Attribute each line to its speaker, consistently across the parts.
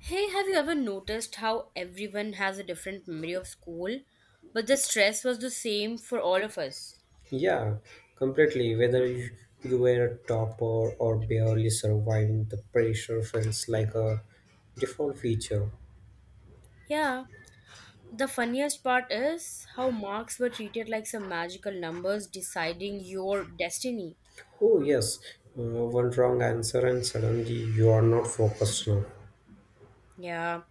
Speaker 1: Hey, have you ever noticed how everyone has a different memory of school, but the stress was the same for all of us?
Speaker 2: Yeah, completely. Whether you were a topper or barely surviving, the pressure feels like a default feature.
Speaker 1: Yeah. The funniest part is how marks were treated like some magical numbers deciding your destiny.
Speaker 2: Oh, yes, one wrong answer, and suddenly you are not focused now.
Speaker 1: Yeah.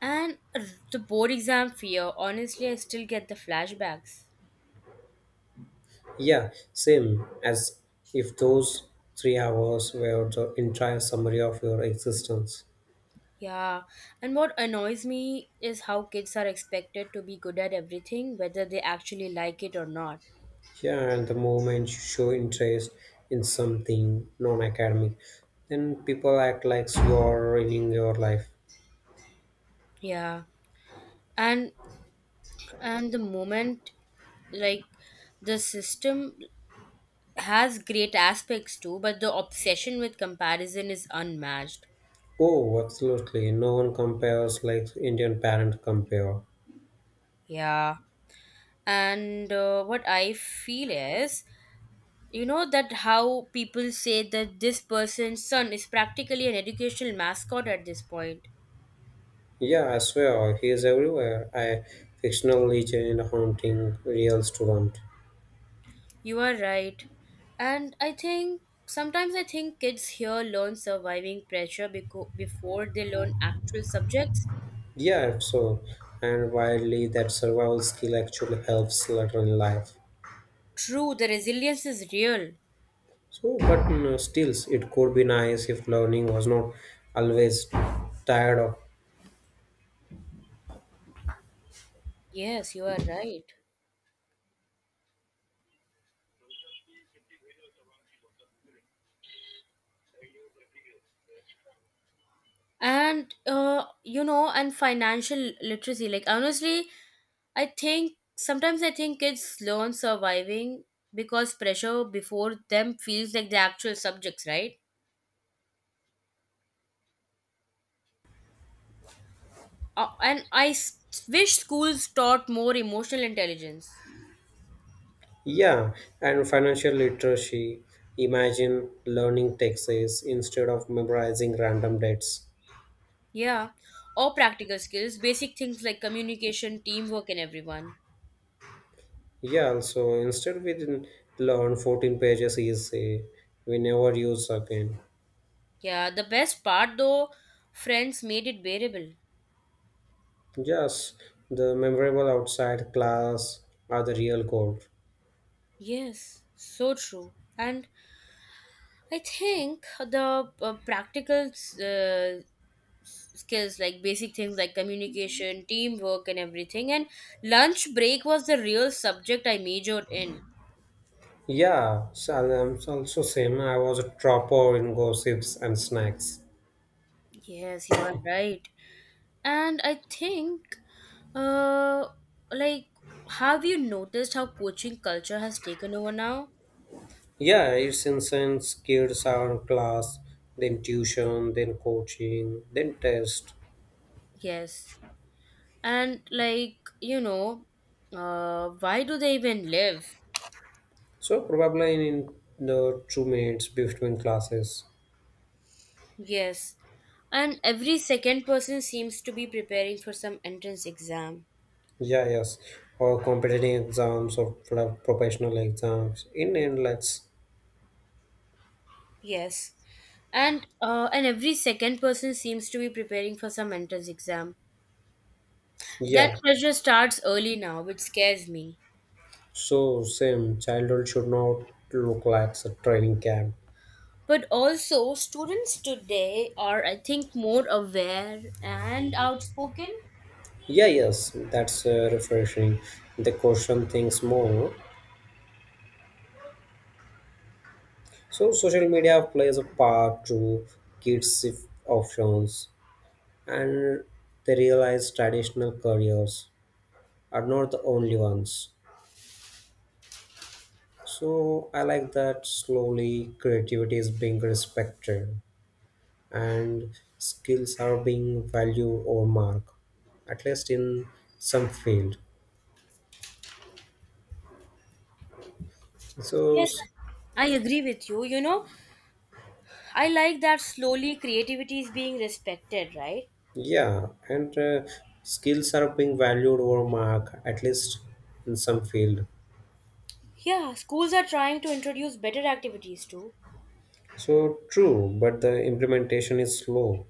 Speaker 1: And The board exam fear, honestly, I still get the flashbacks.
Speaker 2: Yeah, same as if those 3 hours were the entire summary of your existence.
Speaker 1: Yeah. And what annoys me is how kids are expected to be good at everything, whether they actually like it or not.
Speaker 2: Yeah, and the moment you show interest in something non academic, then people act like you are ruining your life.
Speaker 1: Yeah. And and the moment, like, the system has great aspects too, but the obsession with comparison is unmatched.
Speaker 2: Oh, absolutely. No one compares like Indian parents compare.
Speaker 1: Yeah. and What I feel is, you know, that how people say that this person's son is practically an educational mascot at this point.
Speaker 2: Yeah, I swear, he is everywhere. I fictional legend haunting real student.
Speaker 1: You are right, and I think, sometimes I think kids here learn surviving pressure before they learn actual subjects.
Speaker 2: Yeah, so and widely that survival skill actually helps later in life.
Speaker 1: True, the resilience is real.
Speaker 2: So, but you know, still, it could be nice if learning was not always tired of.
Speaker 1: Yes, you are right. And financial literacy. Like, honestly, I think, sometimes I think kids learn surviving because pressure before them feels like the actual subjects, right? Uh, and I s- Wish schools taught more emotional intelligence.
Speaker 2: Yeah, and financial literacy. Imagine learning taxes instead of memorizing random dates.
Speaker 1: Yeah, or practical skills, basic things like communication, teamwork, and everyone.
Speaker 2: Yeah, also instead we didn't learn 14 pages is a we never use again.
Speaker 1: Yeah, the best part, though, friends made it bearable.
Speaker 2: Yes, the memorable outside class are the real gold.
Speaker 1: Yes, so true. And I think the practical uh, skills, like basic things like communication, teamwork, and everything. And lunch break was the real subject I majored in.
Speaker 2: Yeah, so I'm also same. I was a dropper in gossips and snacks.
Speaker 1: Yes, you are right. And uh, like, have you noticed how coaching culture has taken over now?
Speaker 2: Yeah, it's incense, kids are in class, then tuition, then coaching, then test.
Speaker 1: Yes. And why do they even live?
Speaker 2: So probably in the 2 minutes between classes.
Speaker 1: Yes, and every second person seems to be preparing for some entrance exam.
Speaker 2: Yeah, yes. Or competitive exams or professional exams in inlets.
Speaker 1: Yes, and every second person seems to be preparing for some entrance exam. That
Speaker 2: Yeah.
Speaker 1: pressure starts early now, which scares me.
Speaker 2: So same childhood should not look like a training camp.
Speaker 1: But also, students today are, I think, more aware and outspoken.
Speaker 2: Yeah, yes, that's refreshing. They question things more. So social media plays a part to kids' options, and they realize traditional careers are not the only ones. So I like that slowly creativity is being respected. And skills are being valued or marked, at least in some field. So
Speaker 1: Yes,
Speaker 2: s-
Speaker 1: I agree with you. You know, I like that slowly creativity is being respected, right?
Speaker 2: yeah, and skills are being valued or marked, at least in some field.
Speaker 1: Yeah, schools are trying to introduce better activities too.
Speaker 2: So true, but the implementation is slow.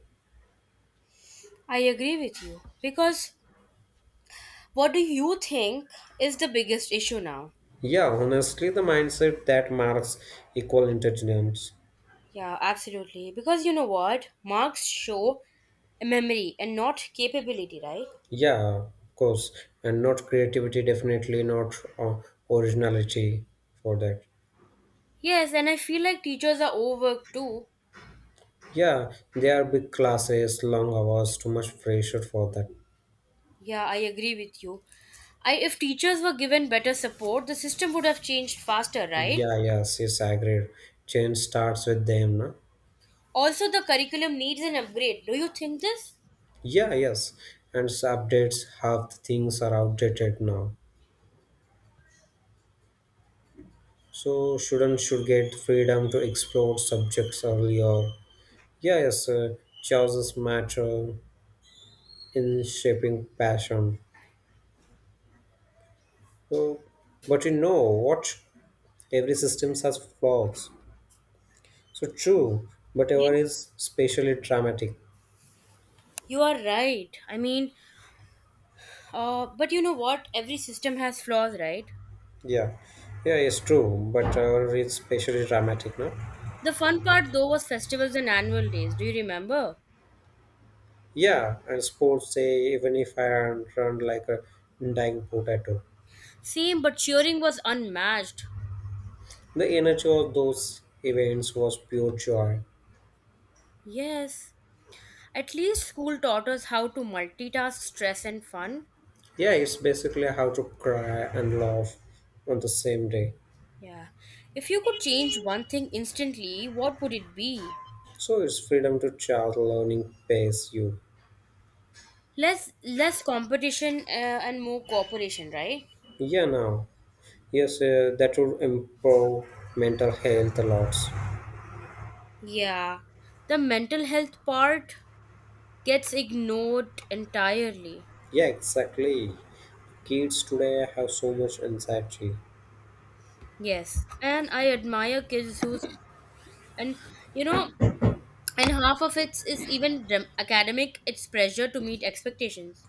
Speaker 1: I agree with you. Because what do you think is the biggest issue now?
Speaker 2: Yeah, honestly, the mindset that marks equal intelligence.
Speaker 1: Yeah, absolutely. Because you know what? Marks show memory and not capability, right?
Speaker 2: Yeah, of course, and not creativity, definitely not originality for that.
Speaker 1: Yes, and I feel like teachers are overworked too.
Speaker 2: Yeah, there are big classes, long hours, too much pressure for that.
Speaker 1: Yeah, I agree with you. I, if teachers were given better support, the system would have changed faster, right?
Speaker 2: Yeah, yes, yes, I agree. Change starts with them, no?
Speaker 1: Also, the curriculum needs an upgrade. Do you think this?
Speaker 2: Yeah, yes. And updates, half the things are outdated now. So students should get freedom to explore subjects earlier. Yeah, yes, choices matter in shaping passion. So, but you know what? Every system has flaws. So true, but
Speaker 1: Yeah.
Speaker 2: our is especially dramatic.
Speaker 1: You are right. I mean, but you know what? Every system has flaws, right?
Speaker 2: Yeah, yeah, it's true, but it's especially dramatic, no?
Speaker 1: The fun part, though, was festivals and annual days. Do you remember?
Speaker 2: Yeah, and sports say even if I run like a dying potato,
Speaker 1: Same, but cheering was unmatched.
Speaker 2: the energy of those events was pure joy.
Speaker 1: Yes. At least school taught us how to multitask stress and fun.
Speaker 2: Yeah, it's basically how to cry and laugh on the same day.
Speaker 1: Yeah. If you could change one thing instantly, what would it be?
Speaker 2: So it's freedom to child learning pays you.
Speaker 1: Less competition and more cooperation, right?
Speaker 2: Yeah, now, yes, that would improve mental health a lot.
Speaker 1: Yeah. The mental health part gets ignored entirely.
Speaker 2: Yeah, exactly. Kids today have so much anxiety.
Speaker 1: Yes. And I admire kids who, and you know, and half of it is even academic, it's pressure to meet expectations.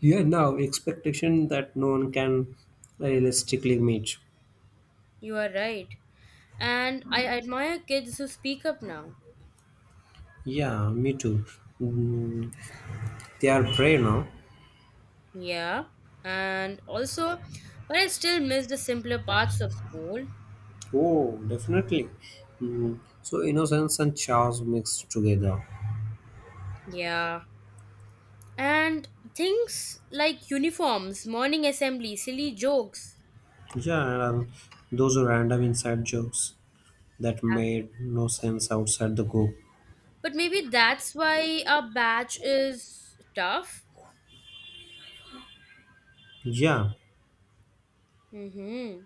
Speaker 2: Yeah, now expectation that no one can realistically meet.
Speaker 1: You are right, and I admire kids who speak up now.
Speaker 2: Yeah, me too. Mm, they are prey now.
Speaker 1: Yeah, and also, but I still miss the simpler parts of school.
Speaker 2: Oh, definitely. Mm, so innocence and chaos mixed together.
Speaker 1: Yeah, and things like uniforms, morning assembly, silly jokes.
Speaker 2: Yeah, and those are random inside jokes that
Speaker 1: Af-
Speaker 2: made no sense outside the group.
Speaker 1: but maybe that's why our batch is tough.
Speaker 2: Yeah.
Speaker 1: Mm-hmm.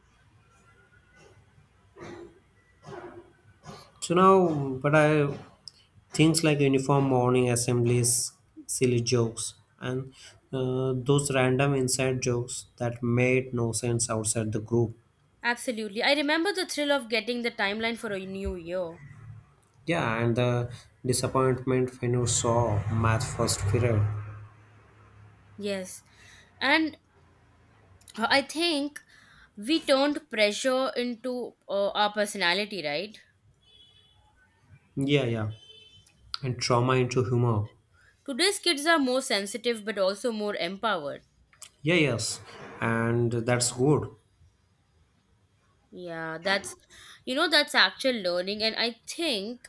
Speaker 2: So now, but I things like uniform morning assemblies, silly jokes, and those random inside jokes that made no sense outside the group.
Speaker 1: Absolutely, I remember the thrill of getting the timeline for a new year.
Speaker 2: Yeah, and the disappointment when you saw math first period.
Speaker 1: Yes. And I think we turned pressure into our personality, right?
Speaker 2: Yeah, yeah, and trauma into humor.
Speaker 1: Today's kids are more sensitive but also more empowered.
Speaker 2: Yeah, yes, and that's good.
Speaker 1: Yeah, that's, you know, that's actual learning. And I think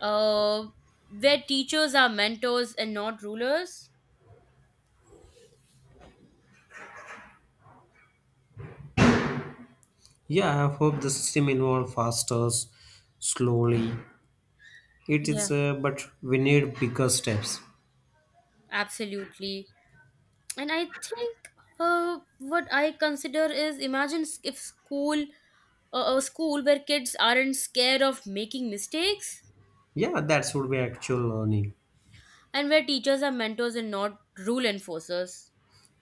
Speaker 1: uh, where teachers are mentors and not rulers.
Speaker 2: Yeah, I hope the system involves faster, slowly. It
Speaker 1: Yeah,
Speaker 2: is, but we need bigger steps.
Speaker 1: absolutely. And I think what I consider is imagine if school, a school where kids aren't scared of making mistakes
Speaker 2: Yeah, that's would be actual learning.
Speaker 1: and where teachers are mentors and not rule enforcers.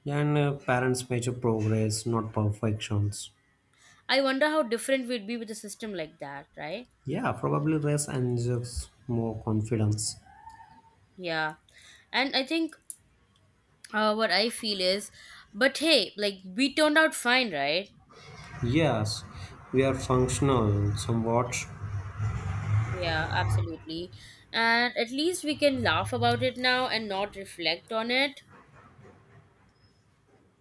Speaker 2: Yeah, and parents measure progress, not perfections.
Speaker 1: I wonder how different we'd be with a system like that, right?
Speaker 2: Yeah, probably rest injects more confidence.
Speaker 1: Yeah. And I think what I feel is, but hey, like, we turned out fine, right?
Speaker 2: Yes, we are functional somewhat.
Speaker 1: Yeah, absolutely. And at least we can laugh about it now and not reflect on it.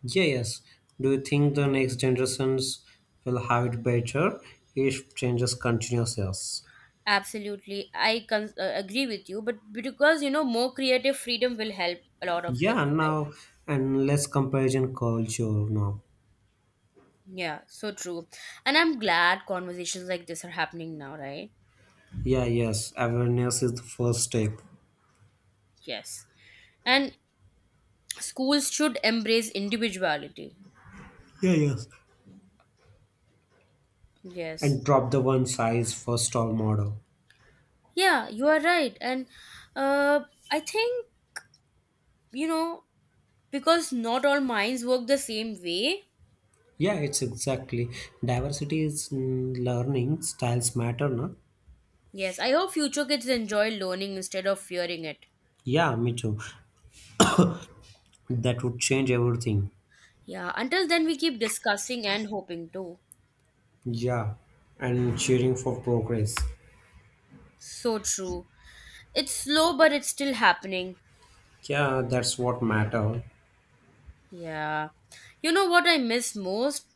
Speaker 2: Yeah, yes. Do you think the next generations will have it better if changes continues? Yes.
Speaker 1: Absolutely. I agree with you, but because, you know, more creative freedom will help a lot of kids,
Speaker 2: Yeah,
Speaker 1: right?
Speaker 2: now and less comparison culture now.
Speaker 1: Yeah, so true. And I'm glad conversations like this are happening now, right?
Speaker 2: Yeah, yes. Awareness is the first step.
Speaker 1: Yes. And schools should embrace individuality.
Speaker 2: Yeah, yes.
Speaker 1: Yes.
Speaker 2: And drop the one size first all model.
Speaker 1: Yeah, you are right. And uh, I think, you know, because not all minds work the same way.
Speaker 2: Yeah, it's exactly diversity is mm, learning styles matter, no?
Speaker 1: Yes, I hope future kids enjoy learning instead of fearing it.
Speaker 2: Yeah, me too. That would change everything.
Speaker 1: Yeah, until then, we keep discussing and hoping too.
Speaker 2: Yeah, and cheering for progress.
Speaker 1: So true. It's slow, but it's still happening.
Speaker 2: Yeah, that's what matter.
Speaker 1: Yeah. You know what I miss most?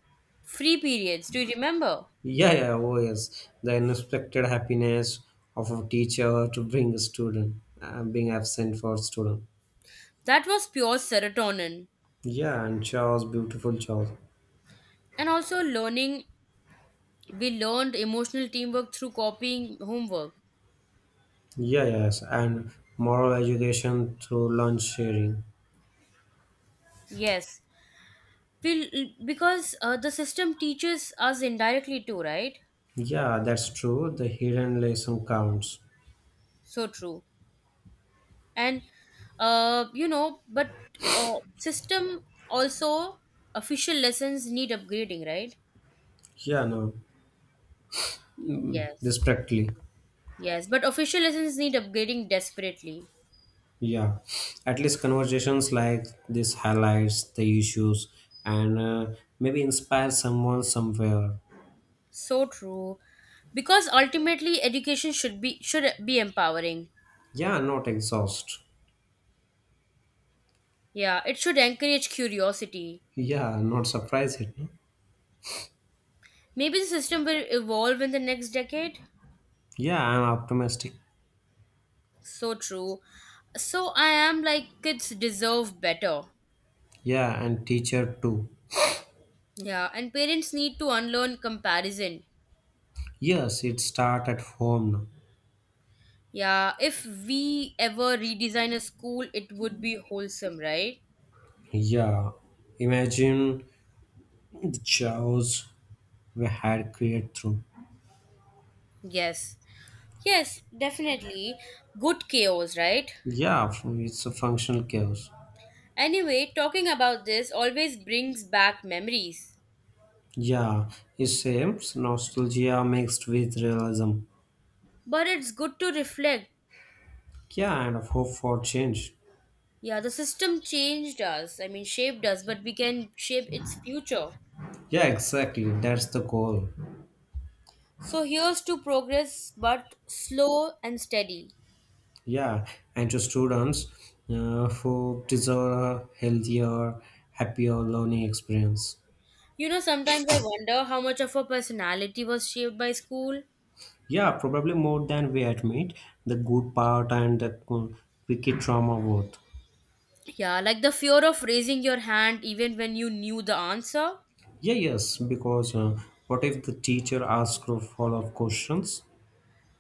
Speaker 1: Free periods. Do you remember?
Speaker 2: Yeah, yeah, oh yes, the unexpected happiness of a teacher to bring a student, being absent for student.
Speaker 1: That was pure serotonin.
Speaker 2: Yeah, and chores, beautiful chores.
Speaker 1: And also, learning, we learned emotional teamwork through copying homework.
Speaker 2: Yeah, yes, and moral education through lunch sharing.
Speaker 1: Yes. We, because the system teaches us indirectly too, right?
Speaker 2: Yeah, that's true. The hidden lesson counts.
Speaker 1: So true. And, uh, you know, but uh, system also, official lessons need upgrading, right?
Speaker 2: Yeah, no,
Speaker 1: Yes.
Speaker 2: just practically.
Speaker 1: Yes. But official lessons need upgrading desperately.
Speaker 2: Yeah, at least conversations like this highlights the issues and maybe inspire someone somewhere.
Speaker 1: So true. Because ultimately education should be empowering.
Speaker 2: Yeah, not exhaust.
Speaker 1: Yeah, it should encourage curiosity.
Speaker 2: Yeah, not surprised it. No?
Speaker 1: Maybe the system will evolve in the next decade.
Speaker 2: Yeah, I'm optimistic.
Speaker 1: So true. So I am like, kids deserve better.
Speaker 2: Yeah, and teacher too.
Speaker 1: Yeah, and parents need to unlearn comparison.
Speaker 2: Yes, it start at home. No?
Speaker 1: Yeah, if we ever redesign a school, it would be wholesome, right?
Speaker 2: Yeah, imagine the chaos we had created through.
Speaker 1: Yes. Yes, definitely. Good chaos, right?
Speaker 2: Yeah, it's a functional chaos.
Speaker 1: Anyway, talking about this always brings back memories.
Speaker 2: Yeah, it seems nostalgia mixed with realism.
Speaker 1: But it's good to reflect.
Speaker 2: Yeah, and of hope for change.
Speaker 1: Yeah, the system changed us. I mean, shaped us, but we can shape its future.
Speaker 2: Yeah, exactly. That's the goal.
Speaker 1: So here's to progress, but slow and steady.
Speaker 2: Yeah, and to students who deserve a healthier, happier learning experience.
Speaker 1: You know, sometimes I wonder how much of her personality was shaped by school.
Speaker 2: Yeah, probably more than we admit, the good part and the wicked trauma both.
Speaker 1: Yeah, like the fear of raising your hand even when you knew the answer,
Speaker 2: Yeah, yes, because what if the teacher asks a follow-up questions?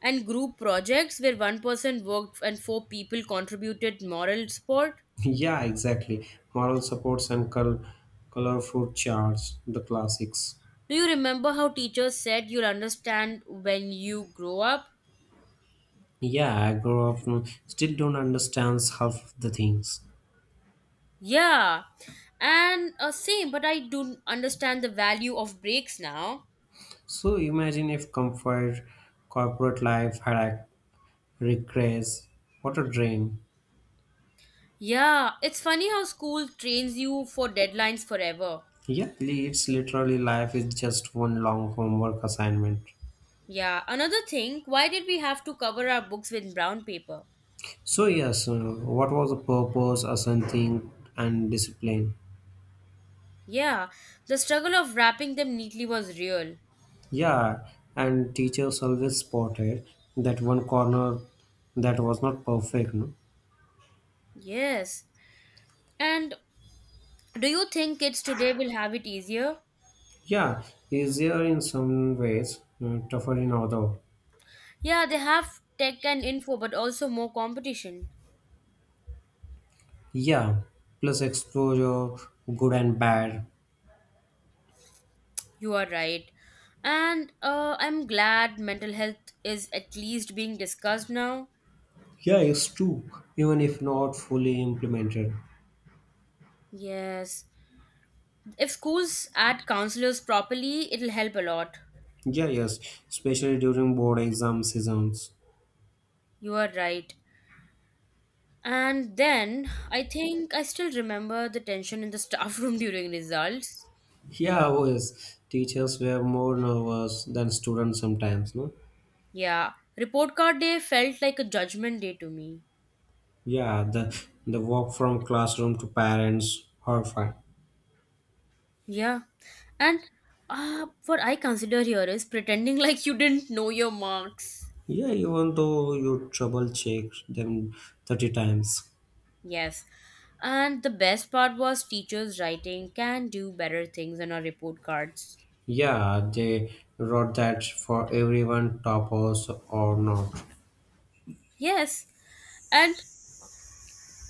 Speaker 1: and group projects where one person worked and four people contributed moral support.
Speaker 2: Yeah, exactly. Moral supports and colorful charts, the classics.
Speaker 1: Do you remember how teachers said you'll understand when you grow up?
Speaker 2: Yeah, I grew up, mm, still don't understand half the things.
Speaker 1: Yeah, and same, but I do understand the value of breaks now.
Speaker 2: So imagine if comfort, corporate life had a regress. What a drain.
Speaker 1: Yeah, it's funny how school trains you for deadlines forever.
Speaker 2: Yeah, it's literally life is just one long homework assignment.
Speaker 1: Yeah, another thing, why did we have to cover our books with brown paper?
Speaker 2: So yes, what was the purpose, ascending, and discipline?
Speaker 1: Yeah, the struggle of wrapping them neatly was real.
Speaker 2: Yeah, and teachers always spotted that one corner that was not perfect. No?
Speaker 1: Yes. And do you think kids today will have it easier?
Speaker 2: Yeah, easier in some ways, tougher in other.
Speaker 1: Yeah, they have tech and info, but also more competition.
Speaker 2: Yeah, plus exposure, good and bad.
Speaker 1: You are right. And I'm glad mental health is at least being discussed now.
Speaker 2: Yeah, it's true, even if not fully implemented.
Speaker 1: Yes. If schools add counselors properly, it'll help a lot.
Speaker 2: Yeah, yes, especially during board exam seasons.
Speaker 1: You are right. And then I think I still remember the tension in the staff room during results.
Speaker 2: Yeah, always. Teachers were more nervous than students sometimes, no?
Speaker 1: Yeah, report card day felt like a judgment day to me.
Speaker 2: Yeah, the walk from classroom to parents, horrifying.
Speaker 1: Yeah, and what I consider here is pretending like you didn't know your marks.
Speaker 2: Yeah, even though you trouble check them 30 times.
Speaker 1: Yes, and the best part was teachers writing "can do better" things on our report cards.
Speaker 2: Yeah, they wrote that for everyone, toppers or not.
Speaker 1: Yes, and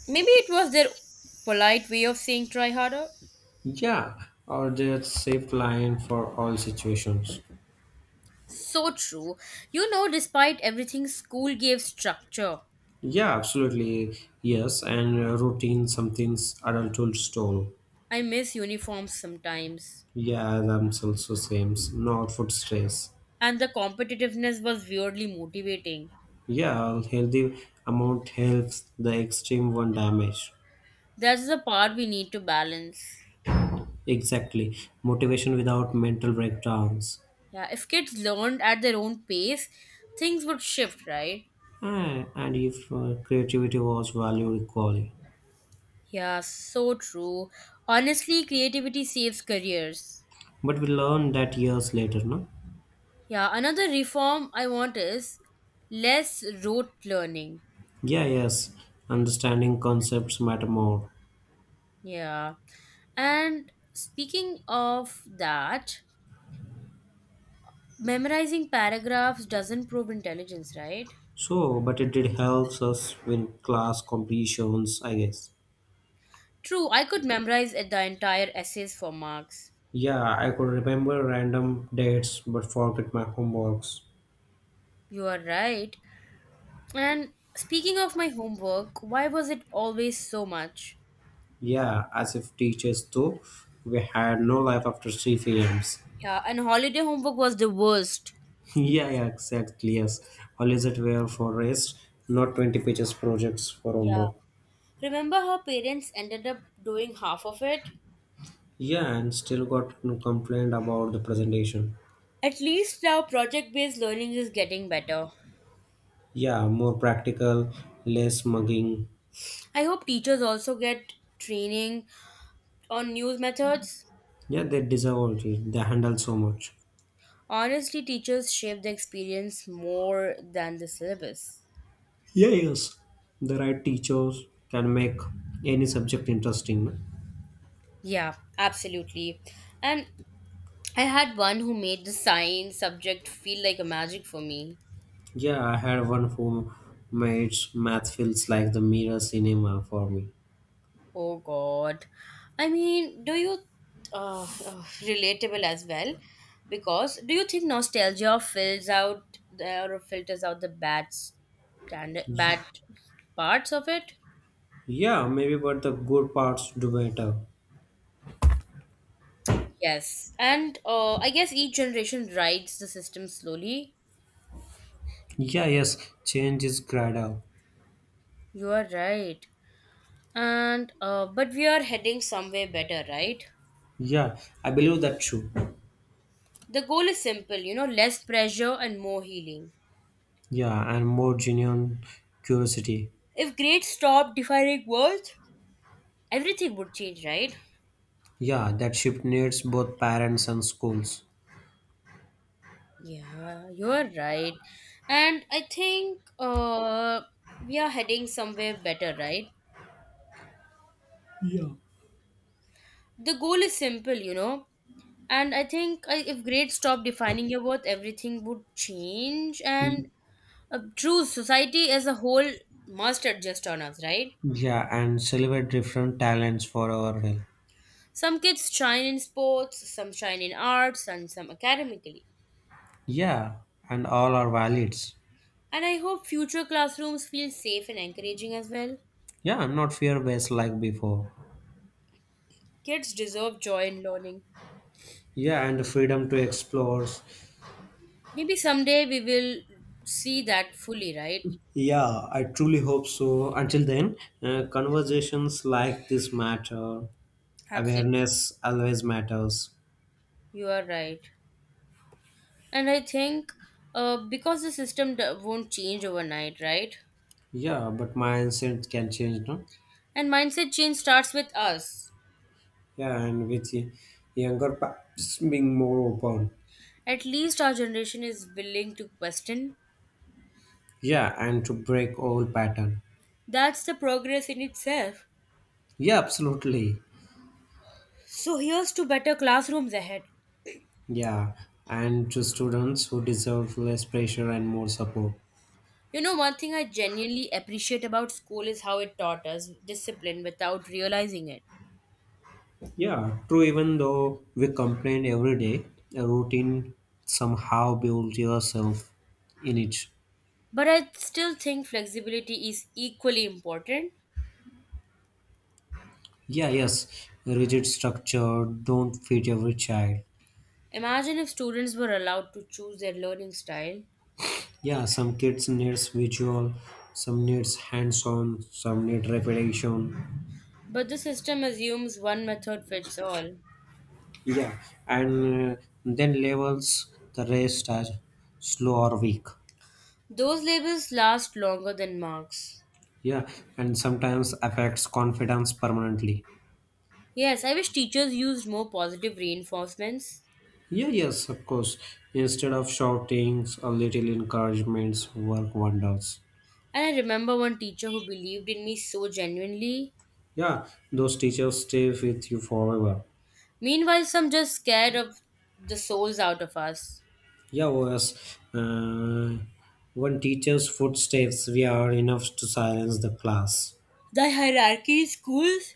Speaker 1: maybe it was their polite way of saying "try harder."
Speaker 2: Yeah, or that safe line for all situations.
Speaker 1: So true. You know, despite everything, school gave structure.
Speaker 2: Yeah, absolutely. Yes, and routine, some things adulthood stole.
Speaker 1: I miss uniforms sometimes.
Speaker 2: Yeah, themselves the same. Not food stress.
Speaker 1: And the competitiveness was weirdly motivating.
Speaker 2: Yeah, healthy amount helps the extreme one damage.
Speaker 1: That's the part we need to balance.
Speaker 2: Exactly. Motivation without mental breakdowns.
Speaker 1: Yeah, if kids learned at their own pace, things would shift, right?
Speaker 2: Ah, and if creativity was valued equally.
Speaker 1: Yeah, so true. Honestly, creativity saves careers.
Speaker 2: But we learned that years later, no?
Speaker 1: Yeah, another reform I want is less rote learning.
Speaker 2: Yeah, yes, understanding concepts matter more.
Speaker 1: Yeah. And speaking of that, memorizing paragraphs doesn't prove intelligence, right?
Speaker 2: So, but it did helps us win class competitions, I guess.
Speaker 1: True, I could the entire essays for marks.
Speaker 2: Yeah, I could remember random dates but forget my homeworks.
Speaker 1: You are right. And speaking of my homework, why was it always so much?
Speaker 2: Yeah, as if teachers too, we had no life after 3 p.m.s.
Speaker 1: Yeah, and holiday homework was the worst.
Speaker 2: Yeah, yeah, exactly, yes. Holidays were for rest, not 20 pages projects for
Speaker 1: Yeah.
Speaker 2: homework.
Speaker 1: Remember how parents ended up doing half of it?
Speaker 2: Yeah, and still got no complaint about the presentation.
Speaker 1: At least now project based learning is getting better.
Speaker 2: Yeah, more practical, less mugging.
Speaker 1: I hope teachers also get training on news methods.
Speaker 2: Yeah, they deserve it. They handle so much.
Speaker 1: Honestly, teachers shape the experience more than the syllabus.
Speaker 2: Yeah, yes. The right teachers can make any subject interesting. No?
Speaker 1: Yeah, absolutely. And I had one who made the science subject feel like a magic for me.
Speaker 2: Yeah, I had one who mates math feels like the mirror cinema for me.
Speaker 1: Oh God. I mean, do you, relatable as well? Because do you think nostalgia fills out the, or filters out the bad standard, bad parts of it?
Speaker 2: Yeah, maybe but the good parts do better.
Speaker 1: Yes, and I guess each generation rides the system slowly.
Speaker 2: Yeah, yes, change is gradual.
Speaker 1: You are right. And but we are heading somewhere better, right?
Speaker 2: Yeah, I believe that too.
Speaker 1: The goal is simple, you know, less pressure and more healing.
Speaker 2: Yeah, and more genuine curiosity.
Speaker 1: If grades stopped defining worth, everything would change, right?
Speaker 2: Yeah, that shift needs both parents and schools.
Speaker 1: Yeah, you are right. And I think we are heading somewhere better, right? The goal is simple, you know, and I think, I, if grades stop defining your worth, everything would change.
Speaker 2: Y-
Speaker 1: And true, society as a whole must adjust on us, right?
Speaker 2: Yeah, and celebrate different talents for our health.
Speaker 1: Some kids shine in sports, some shine in arts, and some academically.
Speaker 2: Yeah, and all are valids.
Speaker 1: And I hope future classrooms feel safe and encouraging as well.
Speaker 2: Yeah, I'm not fear based like before.
Speaker 1: Kids deserve joy in learning.
Speaker 2: Yeah, and the freedom to explore.
Speaker 1: Maybe someday we will see that fully, right?
Speaker 2: Yeah, I truly hope so. Until then, conversations like this matter.
Speaker 1: Absolutely.
Speaker 2: Awareness always matters.
Speaker 1: You are right. And I think because the system won't change overnight, right?
Speaker 2: Yeah, but mindset can change, no?
Speaker 1: And mindset change starts with us.
Speaker 2: Yeah, and with younger parents being more open.
Speaker 1: At least our generation is willing to question.
Speaker 2: Yeah, and to break old pattern.
Speaker 1: That's the progress in itself.
Speaker 2: Yeah, absolutely.
Speaker 1: So here's to better classrooms ahead.
Speaker 2: Yeah, and to students who deserve less pressure and more support.
Speaker 1: You know, one thing I genuinely appreciate about school is how it taught us discipline without realizing it.
Speaker 2: Yeah, true. Even though we complain every day, a routine somehow builds yourself in it.
Speaker 1: But I still think flexibility is equally important.
Speaker 2: Yeah, yes, rigid structure don't fit every child.
Speaker 1: Imagine if students were allowed to choose their learning style,
Speaker 2: Yeah, some kids needs visual, some needs hands-on, some need repetition.
Speaker 1: but the system assumes one method fits all.
Speaker 2: Yeah, and then levels the rest as slow or weak.
Speaker 1: Those labels last longer than marks.
Speaker 2: Yeah, and sometimes affects confidence permanently.
Speaker 1: Yes, I wish teachers used more positive reinforcements.
Speaker 2: Yeah, yes, of course. Instead of shoutings, a little encouragements work wonders.
Speaker 1: And I remember one teacher who believed in me so genuinely.
Speaker 2: Yeah, those teachers stay with you forever.
Speaker 1: Meanwhile, some just scared of the souls out of us.
Speaker 2: Yeah, was one teacher's footsteps we are enough to silence the class.
Speaker 1: The hierarchy in schools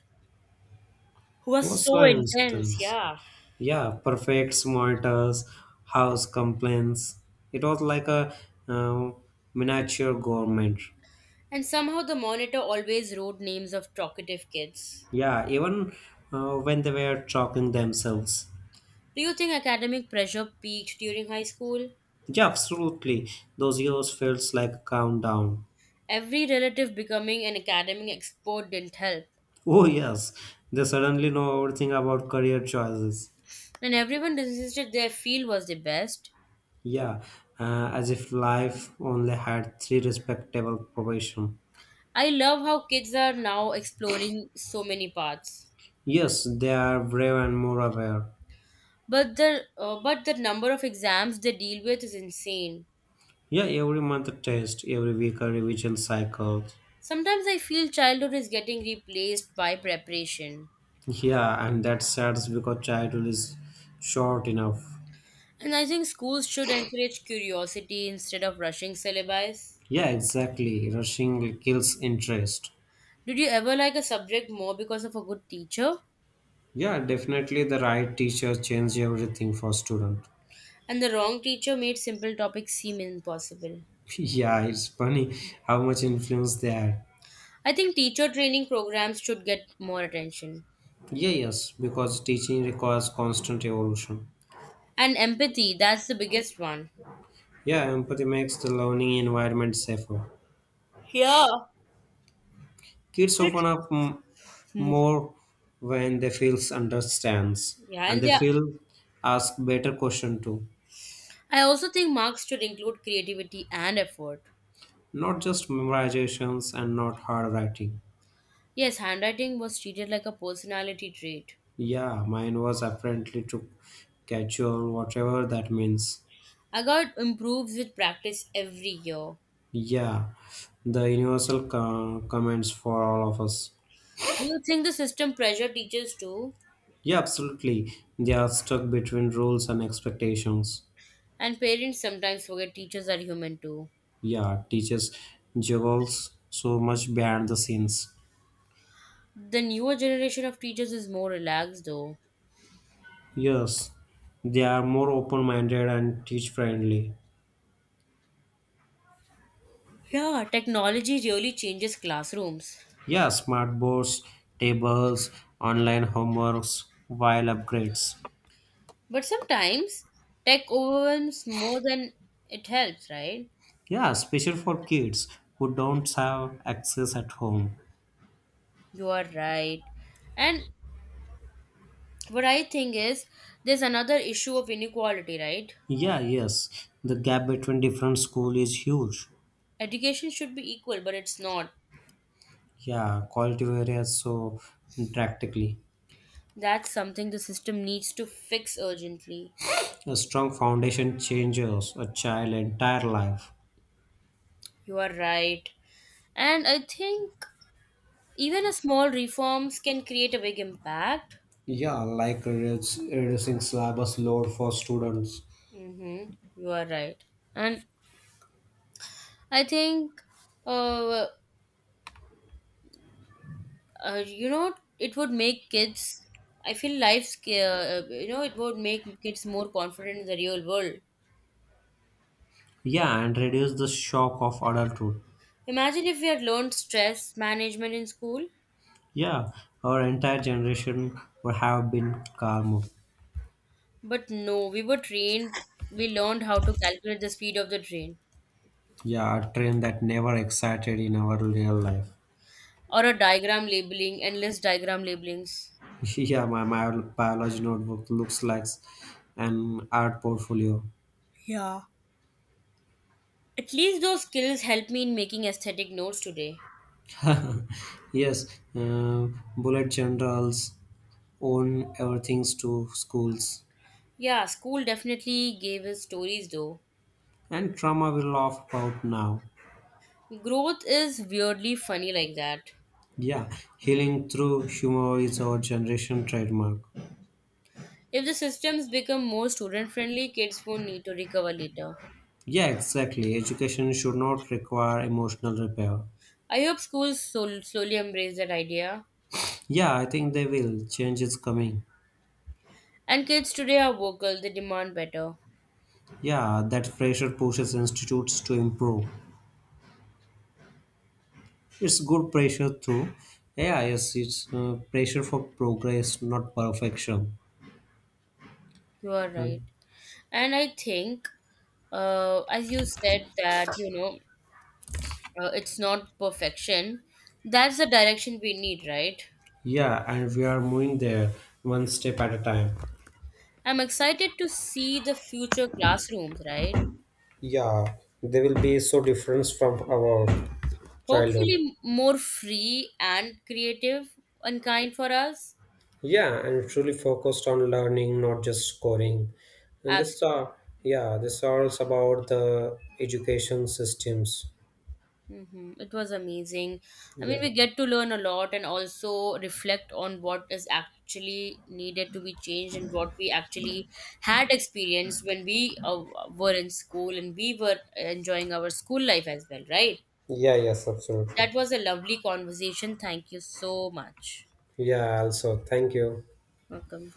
Speaker 1: was
Speaker 2: What's so
Speaker 1: so intense,
Speaker 2: instance?
Speaker 1: yeah.
Speaker 2: Yeah, perfect smarters, house complaints. It was like a uh, miniature government.
Speaker 1: And somehow the monitor always wrote names of talkative kids.
Speaker 2: Yeah, even when they were talking themselves.
Speaker 1: Do you think academic pressure peaked during high school?
Speaker 2: Yeah, absolutely. Those years feels like a countdown.
Speaker 1: Every relative becoming an academic expert didn't help.
Speaker 2: Oh yes, they suddenly know everything about career choices.
Speaker 1: And everyone insisted their field was the best.
Speaker 2: Yeah, as if life only had three respectable profession.
Speaker 1: I love how kids are now exploring so many paths.
Speaker 2: Yes, they are brave and more aware.
Speaker 1: But the number of exams they deal with is insane.
Speaker 2: Yeah, every month a test, every week a revision cycle.
Speaker 1: Sometimes I feel childhood is getting replaced by preparation.
Speaker 2: Yeah, and that's sad because childhood is short enough.
Speaker 1: And I think schools should encourage curiosity instead of rushing syllabi.
Speaker 2: Yeah, exactly. Rushing kills interest.
Speaker 1: Did you ever like a subject more because of a good teacher?
Speaker 2: Yeah, definitely the right teacher change everything for student.
Speaker 1: And the wrong teacher made simple topics seem impossible.
Speaker 2: Yeah, it's funny how much influence they had.
Speaker 1: I think teacher training programs should get more attention.
Speaker 2: Yeah, yes, because teaching requires constant evolution.
Speaker 1: And empathy, that's the biggest one.
Speaker 2: Yeah, empathy makes the learning environment safer.
Speaker 1: Yeah.
Speaker 2: Kids open up
Speaker 1: Move.
Speaker 2: more when they feel understands
Speaker 1: Yeah,
Speaker 2: and
Speaker 1: and
Speaker 2: they
Speaker 1: yeah,
Speaker 2: feel ask better question too.
Speaker 1: I also think marks should include creativity and effort.
Speaker 2: Not just memorizations and not hard writing.
Speaker 1: Yes, handwriting was treated like a personality trait.
Speaker 2: Yeah, mine was apparently to casual, whatever that means.
Speaker 1: I got improves with practice every year.
Speaker 2: Yeah, the universal comments for all of us.
Speaker 1: Do you think the system pressure teachers too?
Speaker 2: Yeah, absolutely. They are stuck between rules and expectations.
Speaker 1: And parents sometimes forget teachers are human too.
Speaker 2: Yeah, teachers juggles so much behind the scenes.
Speaker 1: The newer generation of teachers is more relaxed though.
Speaker 2: Yes, they are more open-minded and teach-friendly.
Speaker 1: Yeah, technology really changes classrooms.
Speaker 2: Yeah, smart boards, tables, online homeworks, while upgrades.
Speaker 1: But sometimes tech overwhelms more than it helps, right?
Speaker 2: Yeah, especially for kids who don't have access at home.
Speaker 1: You are right. And what I think is there's another issue of inequality, right?
Speaker 2: Yeah, yes. The gap between different school is huge.
Speaker 1: Education should be equal, but it's not.
Speaker 2: Yeah, quality varies so drastically.
Speaker 1: That's something the system needs to fix urgently.
Speaker 2: A strong foundation changes a child' entire life.
Speaker 1: You are right. And I think even a small reforms can create a big impact.
Speaker 2: Yeah, like reducing syllabus load for students.
Speaker 1: Mm-hmm. You are right. And I think, uh, you know, it would make kids, I feel life's it would make kids more confident in the real world.
Speaker 2: Yeah, and reduce the shock of adulthood.
Speaker 1: Imagine if we had learned stress management in school,
Speaker 2: Yeah, our entire generation would have been calmer.
Speaker 1: but no, we were trained, we learned how to calculate the speed of the train
Speaker 2: Yeah, a trend that never excited in our real life.
Speaker 1: or a diagram labeling, endless diagram labelings.
Speaker 2: Yeah, my biology notebook looks like an art portfolio.
Speaker 1: Yeah. At least those skills help me in making aesthetic notes today.
Speaker 2: Yes, uh, bullet journals own everything to schools,
Speaker 1: Yeah, school definitely gave us stories though.
Speaker 2: and trauma we laugh about now.
Speaker 1: Growth is weirdly funny like that.
Speaker 2: Yeah, healing through humor is our generation trademark.
Speaker 1: If the systems become more student friendly, kids won't need to recover later.
Speaker 2: Yeah, exactly. Education should not require emotional repair.
Speaker 1: I hope schools slowly embrace that idea.
Speaker 2: Yeah, I think they will. Change is coming.
Speaker 1: And kids today are vocal, they demand better.
Speaker 2: Yeah, that pressure pushes institutes to improve. It's good pressure too. Yeah, yes, it's pressure for progress, not perfection.
Speaker 1: You are
Speaker 2: Uh,
Speaker 1: right. And I think, as you said, that, it's not perfection. That's the direction we need, right?
Speaker 2: yeah, and we are moving there one step at a time.
Speaker 1: I'm excited to see the future classrooms, right?
Speaker 2: Yeah, they will be so different from our
Speaker 1: Hopefully,
Speaker 2: childhood.
Speaker 1: more free and creative and kind for us.
Speaker 2: Yeah, and truly focused on learning, not just scoring. And this
Speaker 1: Absolutely.
Speaker 2: are yeah, this are also about the education systems.
Speaker 1: It was amazing. I mean,
Speaker 2: Yeah.
Speaker 1: we get to learn a lot and also reflect on what is actually needed to be changed and what we actually had experienced when we were in school and we were enjoying our school life as well, right?
Speaker 2: Yeah, yes, absolutely.
Speaker 1: That was a lovely conversation. Thank you so much.
Speaker 2: Yeah, also, thank you.
Speaker 1: Welcome.